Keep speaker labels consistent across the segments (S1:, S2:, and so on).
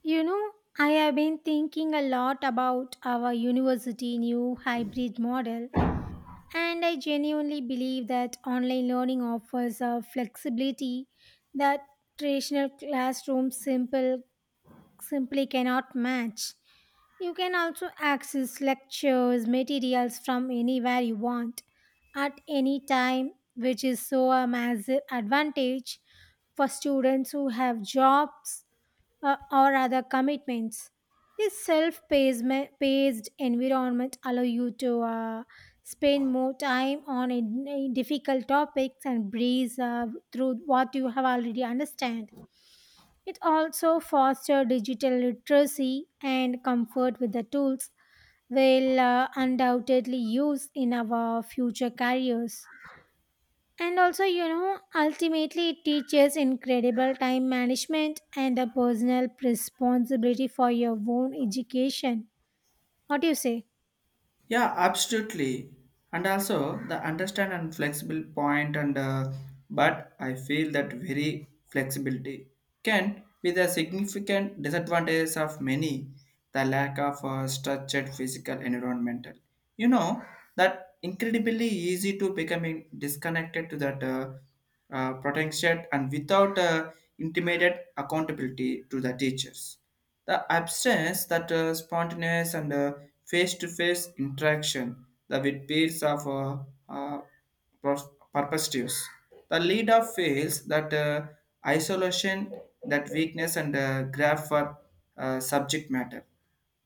S1: You know, I have been thinking a lot about our university new hybrid model, and I genuinely believe that online learning offers a flexibility that traditional classrooms simple simply cannot match. You can also access lectures, materials from anywhere you want at any time, which is so a massive advantage for students who have jobs or other commitments. This self-paced environment allow you to spend more time on a difficult topics and breeze through what you have already understand. It also foster digital literacy and comfort with the tools we'll undoubtedly use in our future careers. And also, you know, ultimately it teaches incredible time management and a personal responsibility for your own education. What do you say?
S2: Yeah, absolutely. And also the understand and flexible point and but I feel that very flexibility can be the significant disadvantages of many the lack of structured physical environmental. You know that incredibly easy to becoming disconnected to that potential and without intimated accountability to the teachers the absence that spontaneous and face-to-face interaction the with peers of uh, perspectives. The lead of fails that isolation, that weakness and graph for subject matter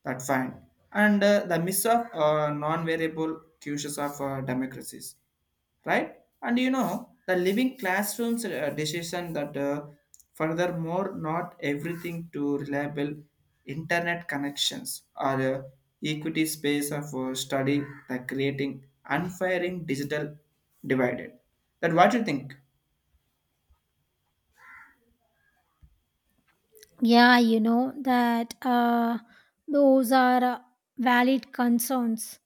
S2: that fine. And the miss of non-variable cues of democracies, right? And you know, the living classrooms decision that furthermore, not everything to reliable internet connections or equity space of study that creating unfiring digital divided. That what you think?
S1: Yeah, you know, that those are valid concerns.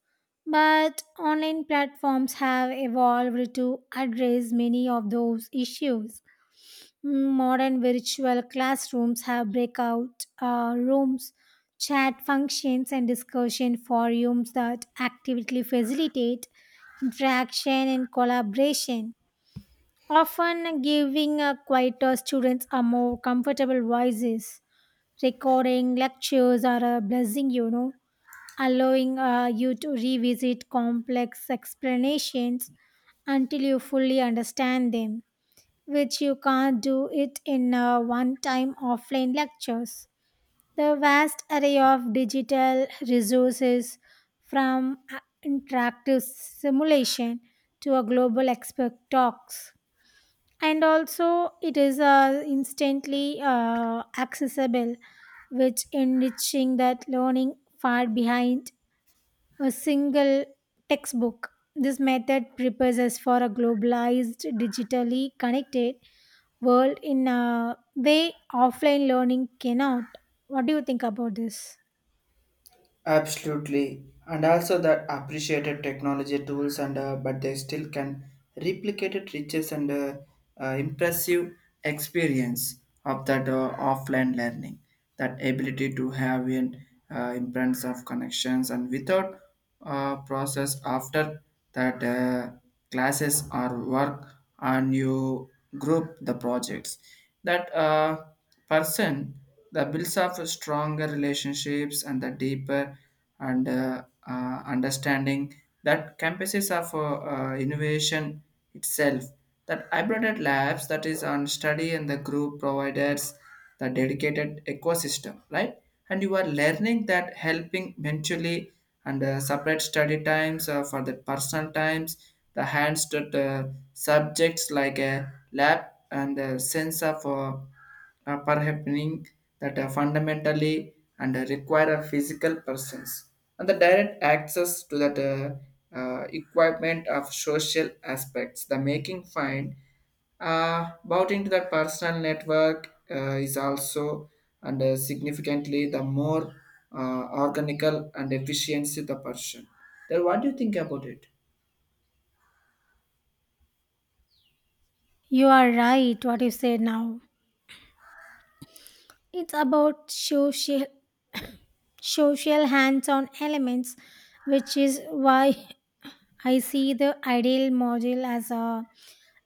S1: But online platforms have evolved to address many of those issues. Mm, modern virtual classrooms have breakout rooms, chat functions, and discussion forums that actively facilitate interaction and collaboration, often giving quieter students a more comfortable voices. Recording lectures are a blessing, you know, allowing you to revisit complex explanations until you fully understand them which you can't do it in one time offline lectures. The vast array of digital resources from interactive simulation to a global expert talks. And also, it is instantly accessible, which enriching that learning far behind a single textbook. This method prepares us for a globalized, digitally connected world in a way offline learning cannot. What do you think about this?
S2: Absolutely, and also that appreciated technology tools and but they still can replicate it riches and impressive experience of that offline learning. That ability to have an imprint of connections and without process after that classes or work and you group the projects that person the builds up stronger relationships and the deeper and understanding that campuses of innovation itself that hybrid labs that is on study and the group providers the dedicated ecosystem, right? And you are learning that helping eventually and separate study times for the personal times, the hands to the subjects like a lab and a sense of perhappening that are fundamentally and require a physical presence and the direct access to that equipment of social aspects the making fine bought to the personal network is also and significantly the more organical and efficiency the person. Then what do you think about it?
S1: You are right, what you said now. It's about social hands on elements, which is why I see the ideal model as a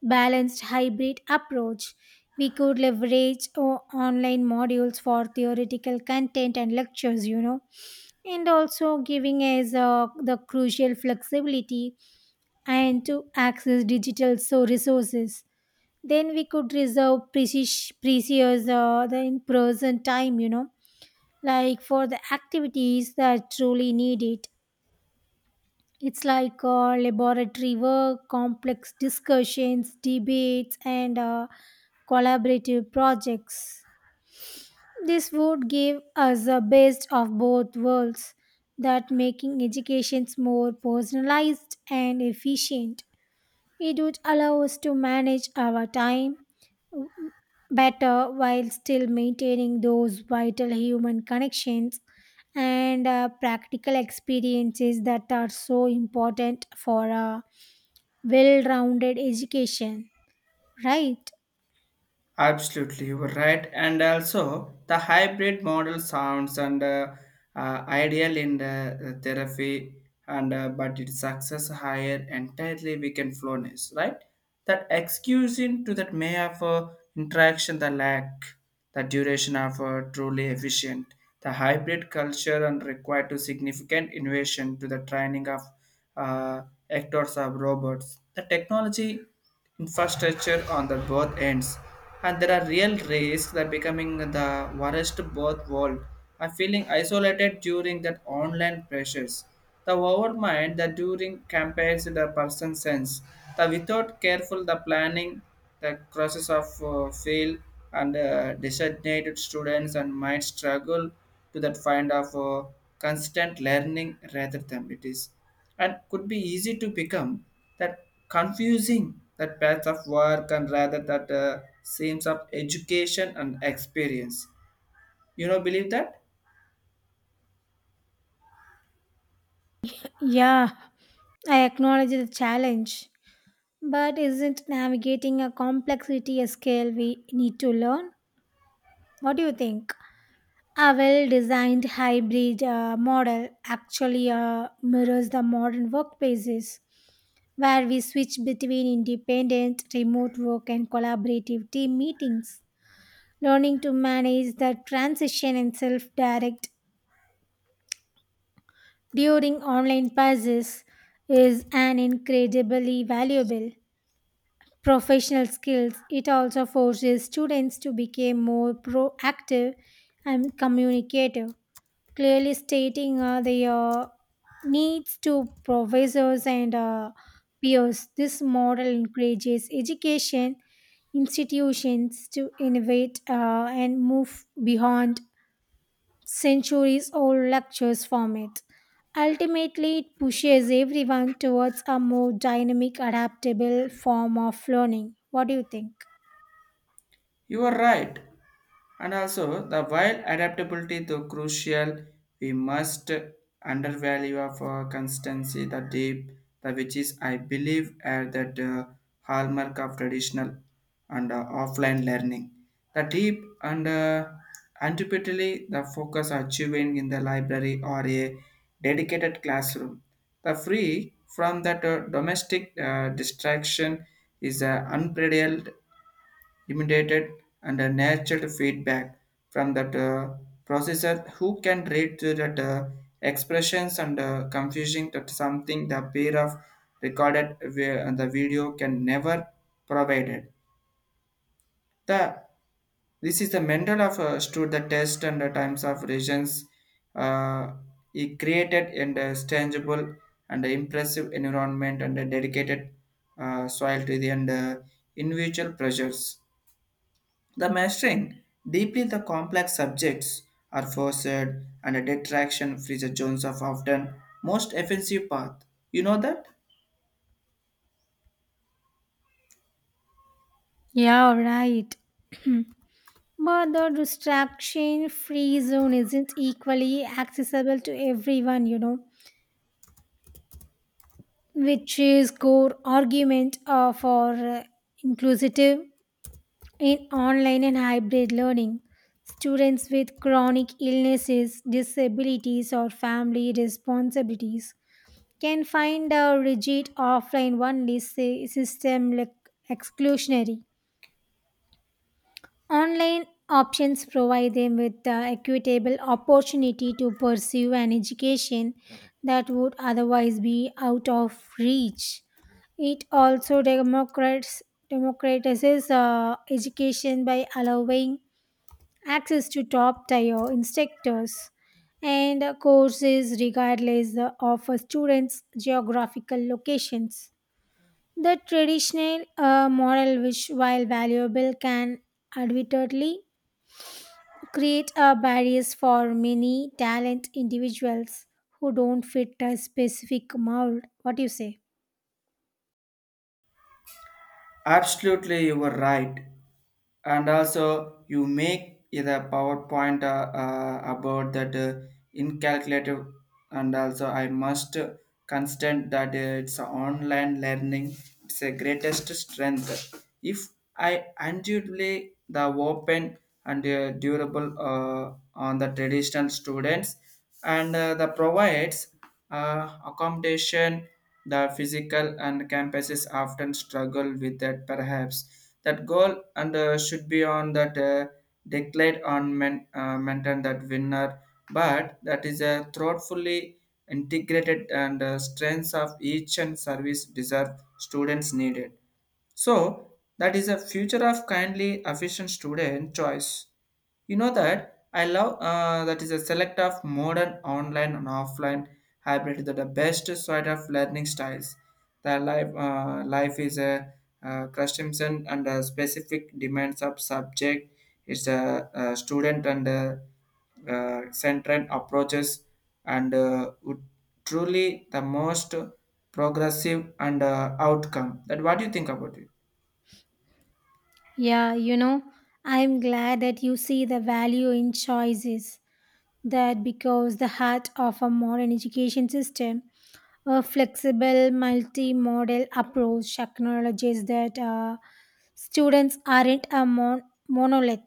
S1: balanced hybrid approach. We could leverage online modules for theoretical content and lectures, you know, and also giving us the crucial flexibility and to access digital so resources then we could reserve precious the in person time, you know, like for the activities that truly need it. It's like laboratory work, complex discussions, debates, and collaborative projects. This would give us the best of both worlds, that making educations more personalized and efficient. It would allow us to manage our time better while still maintaining those vital human connections and practical experiences that are so important for a well rounded education. Right?
S2: Absolutely, you were right. And also, the hybrid model sounds and ideal in the therapy, and but its success higher entirely we can flowness, right? That excusing to that may have interaction the lack, the duration of truly efficient. The hybrid culture and required to significant innovation to the training of uh, actors of robots. The technology infrastructure on the both ends and there are real risks that becoming the worst both world and feeling isolated during that online pressures the overmind that during campaigns the person sense the without careful the planning the process of fail and designated students and might struggle to that find of constant learning rather than it is and could be easy to become that confusing that path of work and rather that seems of education and experience, you know, believe that.
S1: Yeah, I acknowledge the challenge. But isn't navigating a complexity a skill we need to learn? What do you think? A well designed hybrid model actually mirrors the modern workplaces, where we switch between independent, remote work, and collaborative team meetings. Learning to manage the transition and self direct during online passes is an incredibly valuable professional skills. It also forces students to become more proactive and communicative, clearly stating their needs to professors and peers. This model encourages education institutions to innovate and move beyond centuries old lectures format. Ultimately, it pushes everyone towards a more dynamic, adaptable form of learning. What do you think?
S2: You are right. And also, the while adaptability though crucial, we must undervalue of constancy, the deep, the which is I believe are that hallmark of traditional and offline learning. The deep and antipathy, the focus achieving in the library or a dedicated classroom. The free from that domestic distraction is unparalleled imitated and a natural feedback from that processor who can read through that expressions and confusing that something the pair of and the video can never provided the this is the mental of stood the test and the times of regions uh, he created and tangible and impressive environment and a dedicated soil to the and individual pressures the mastering deeply the complex subjects are forced and a detraction frees the Jones of often most offensive path. You know that?
S1: Yeah, right. But the distraction free zone isn't equally accessible to everyone, you know, which is core argument for inclusive in online and hybrid learning. Students with chronic illnesses, disabilities, or family responsibilities can find a rigid offline only system like exclusionary. Online options provide them with the equitable opportunity to pursue an education that would otherwise be out of reach. It also democratizes education by allowing access to top tier instructors and courses regardless of a student's geographical locations. The traditional model, which while valuable, can admittedly create a barriers for many talent individuals who don't fit a specific mold. What do you say?
S2: Absolutely, you were right. And also, you make the PowerPoint about that incalculative, and also I must constant that it's online learning. It's a greatest strength. If I unduly the open and durable on the traditional students, and the provides accommodation the physical and campuses often struggle with that perhaps. That goal and should be on that declared on men, maintain that winner, but that is a thoughtfully integrated and strengths of each and service deserve students needed. So that is a future of kindly efficient student choice. You know that I love that is a select of modern online and offline hybrid that the best side of learning styles. The life is a customization and specific demands of subject. It's a, student and centered approaches and would truly the most progressive and outcome. That what do you think about it?
S1: Yeah, you know, I'm glad that you see the value in choices. That because the heart of a modern education system, a flexible multi-modal approach acknowledges that students aren't a monolith.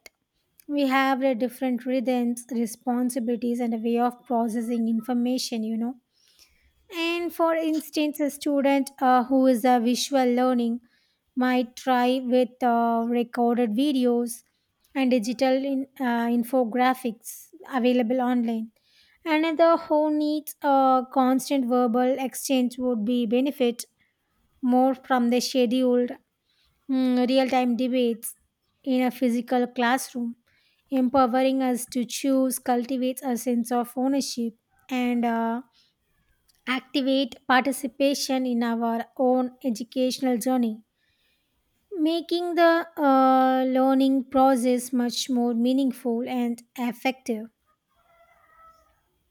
S1: We have the different rhythms, responsibilities, and a way of processing information. You know, and for instance, a student who is a visual learning might try with recorded videos and digital infographics available online. Another who needs a constant verbal exchange would be benefit more from the scheduled, mm, real-time debates in a physical classroom, empowering us to choose cultivates a sense of ownership and activate participation in our own educational journey, making the learning process much more meaningful and effective.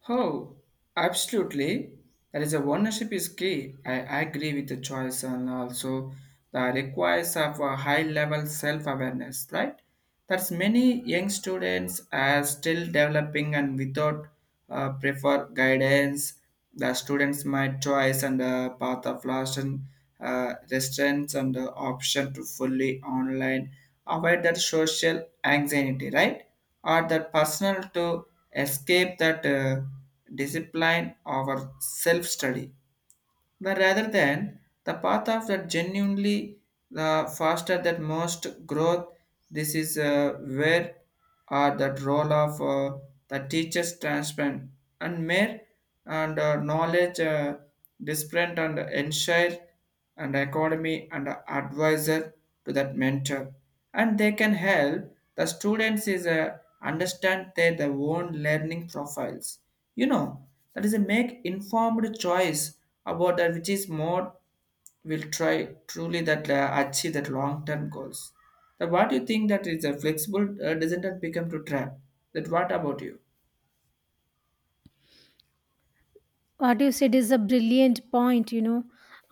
S2: Oh, absolutely. There is a ownership is key. I agree with the choice and also the requires of a high level self-awareness, right? That's many young students are still developing and without prefer guidance, the students might choice and path of last and restraints and the option to fully online avoid that social anxiety, right? Or that personal to escape that discipline or self-study. But rather than the path of that genuinely the faster that most growth, this is where are that role of the teacher's transparent and mere and knowledge disparate and ensure and academy and advisor to that mentor and they can help the students is understand their own learning profiles, you know, that is a make informed choice about that which is more will try truly that achieve that long term goals. That what you think that is a flexible doesn't that become to trap? That what about you?
S1: What you said is a brilliant point, you know,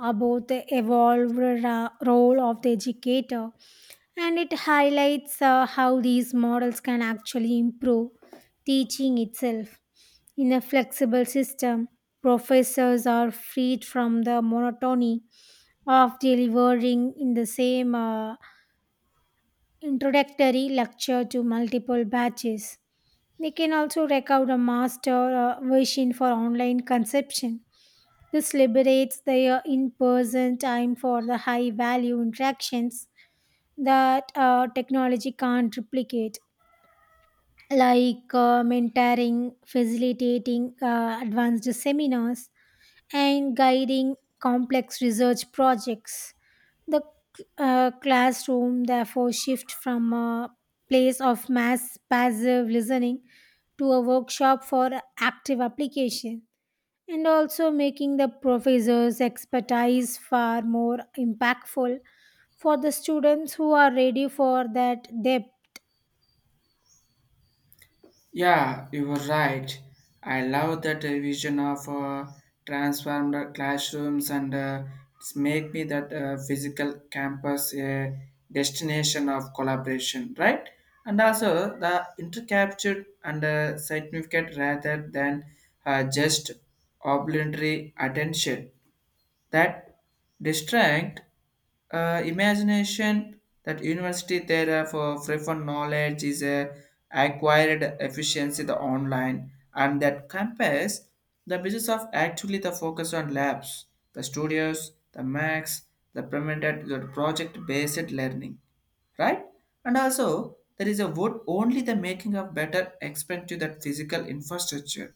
S1: about the evolved role of the educator, and it highlights how these models can actually improve teaching itself. In a flexible system, professors are freed from the monotony of delivering in the same introductory lecture to multiple batches. They can also record a master version for online consumption. This liberates their in person time for the high value interactions that technology can't replicate, like mentoring, facilitating advanced seminars, and guiding complex research projects. The classroom therefore shift from a place of mass passive listening to a workshop for active application, and also making the professor's expertise far more impactful for the students who are ready for that depth.
S2: Yeah, you were right. I love that vision of transformed classrooms and it's make me that physical campus a destination of collaboration, right? And also the intercaptured and significant rather than just obligatory attention that distract imagination that university there for free knowledge is a acquired efficiency the online and that compares the business of actually the focus on labs the studios the max the implemented the project based learning, right? And also, there is a wood only the making of better expand to that physical infrastructure,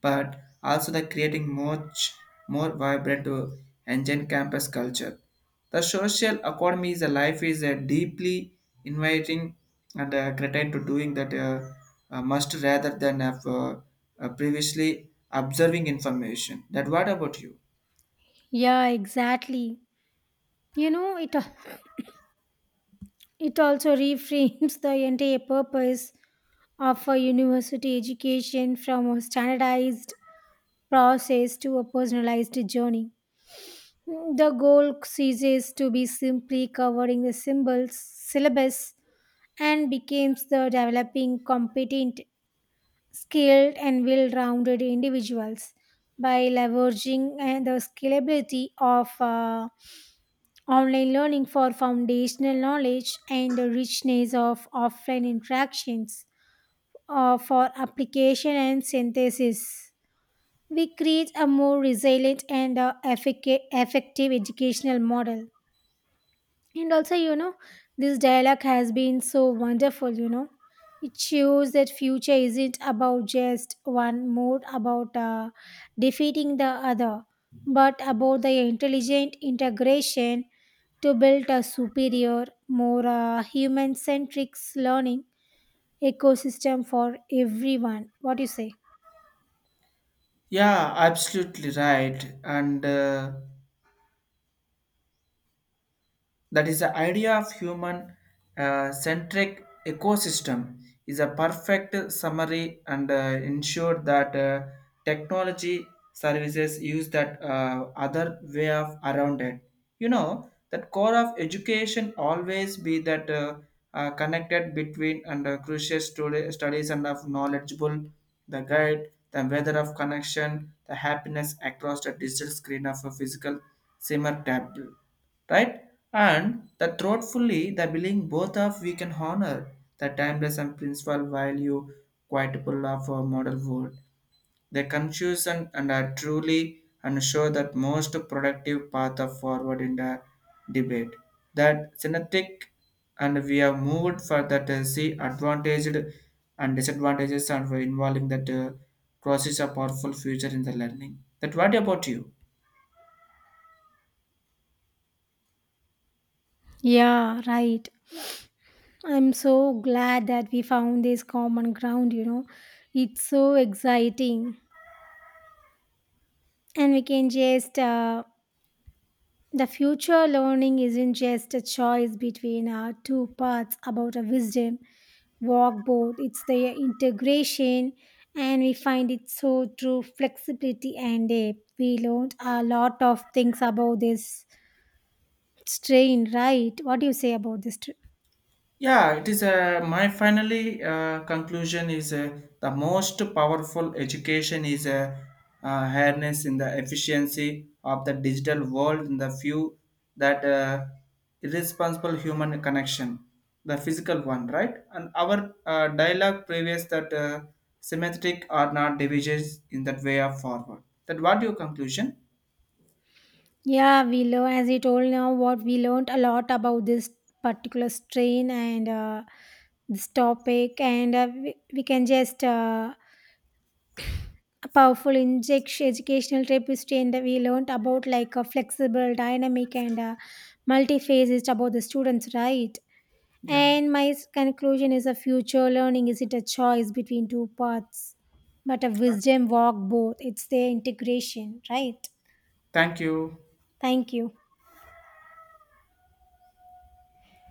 S2: but also the creating much more vibrant engine campus culture. The social economy is a life is a deeply inviting and creating to doing that must rather than have previously observing information. That what about you?
S1: Yeah, exactly. You know, it also reframes the entire purpose offer university education from a standardized process to a personalized journey. The goal ceases to be simply covering the syllabus, and becomes the developing competent, skilled, and well rounded individuals by leveraging and the scalability of online learning for foundational knowledge and the richness of offline interactions for application and synthesis. We create a more resilient and effective educational model. And also, you know, this dialogue has been so wonderful, you know, it shows that future isn't about just one mode, about defeating the other, but about the intelligent integration to build a superior, more human-centric learning ecosystem for everyone. What do you say?
S2: Yeah, absolutely right. And that is the idea of human centric ecosystem is a perfect summary and ensure that technology services use that other way of around it. You know that core of education always be that connected between and crucial studies and of knowledgeable the guide the weather of connection the happiness across the digital screen of a physical simmer tablet, right? And that thoughtfully, the believing both of we can honor the timeless and principal value quotable of our model world. The confusion and are truly and show that most productive path of forward in the debate. That synthetic and we have moved for that see advantaged and disadvantages and for involving that process a powerful future in the learning. That what about you?
S1: Yeah, right. I'm so glad that we found this common ground, you know. It's so exciting. And we can just, the future learning isn't just a choice between our two paths, about a wisdom, walk both. It's the integration, and we find it so through flexibility and depth. We learned a lot of things about this strain, right? What do you say about this?
S2: Yeah, it is my finally conclusion is the most powerful education is a harness in the efficiency of the digital world in the few that irresponsible human connection, the physical one, right? And our dialogue previous that symmetric or not divisions in that way of forward. That what your conclusion?
S1: Yeah, we learn as you told now what we learned a lot about this particular strain, and this topic, and we can just, a powerful injection educational tapestry, and we learned about like a flexible, dynamic, and multi-phase is about the students, right?
S2: Yeah.
S1: And my conclusion is a future learning isn't a choice between two paths, but a wisdom walk both. It's their integration, right?
S2: Thank you.
S1: Thank you.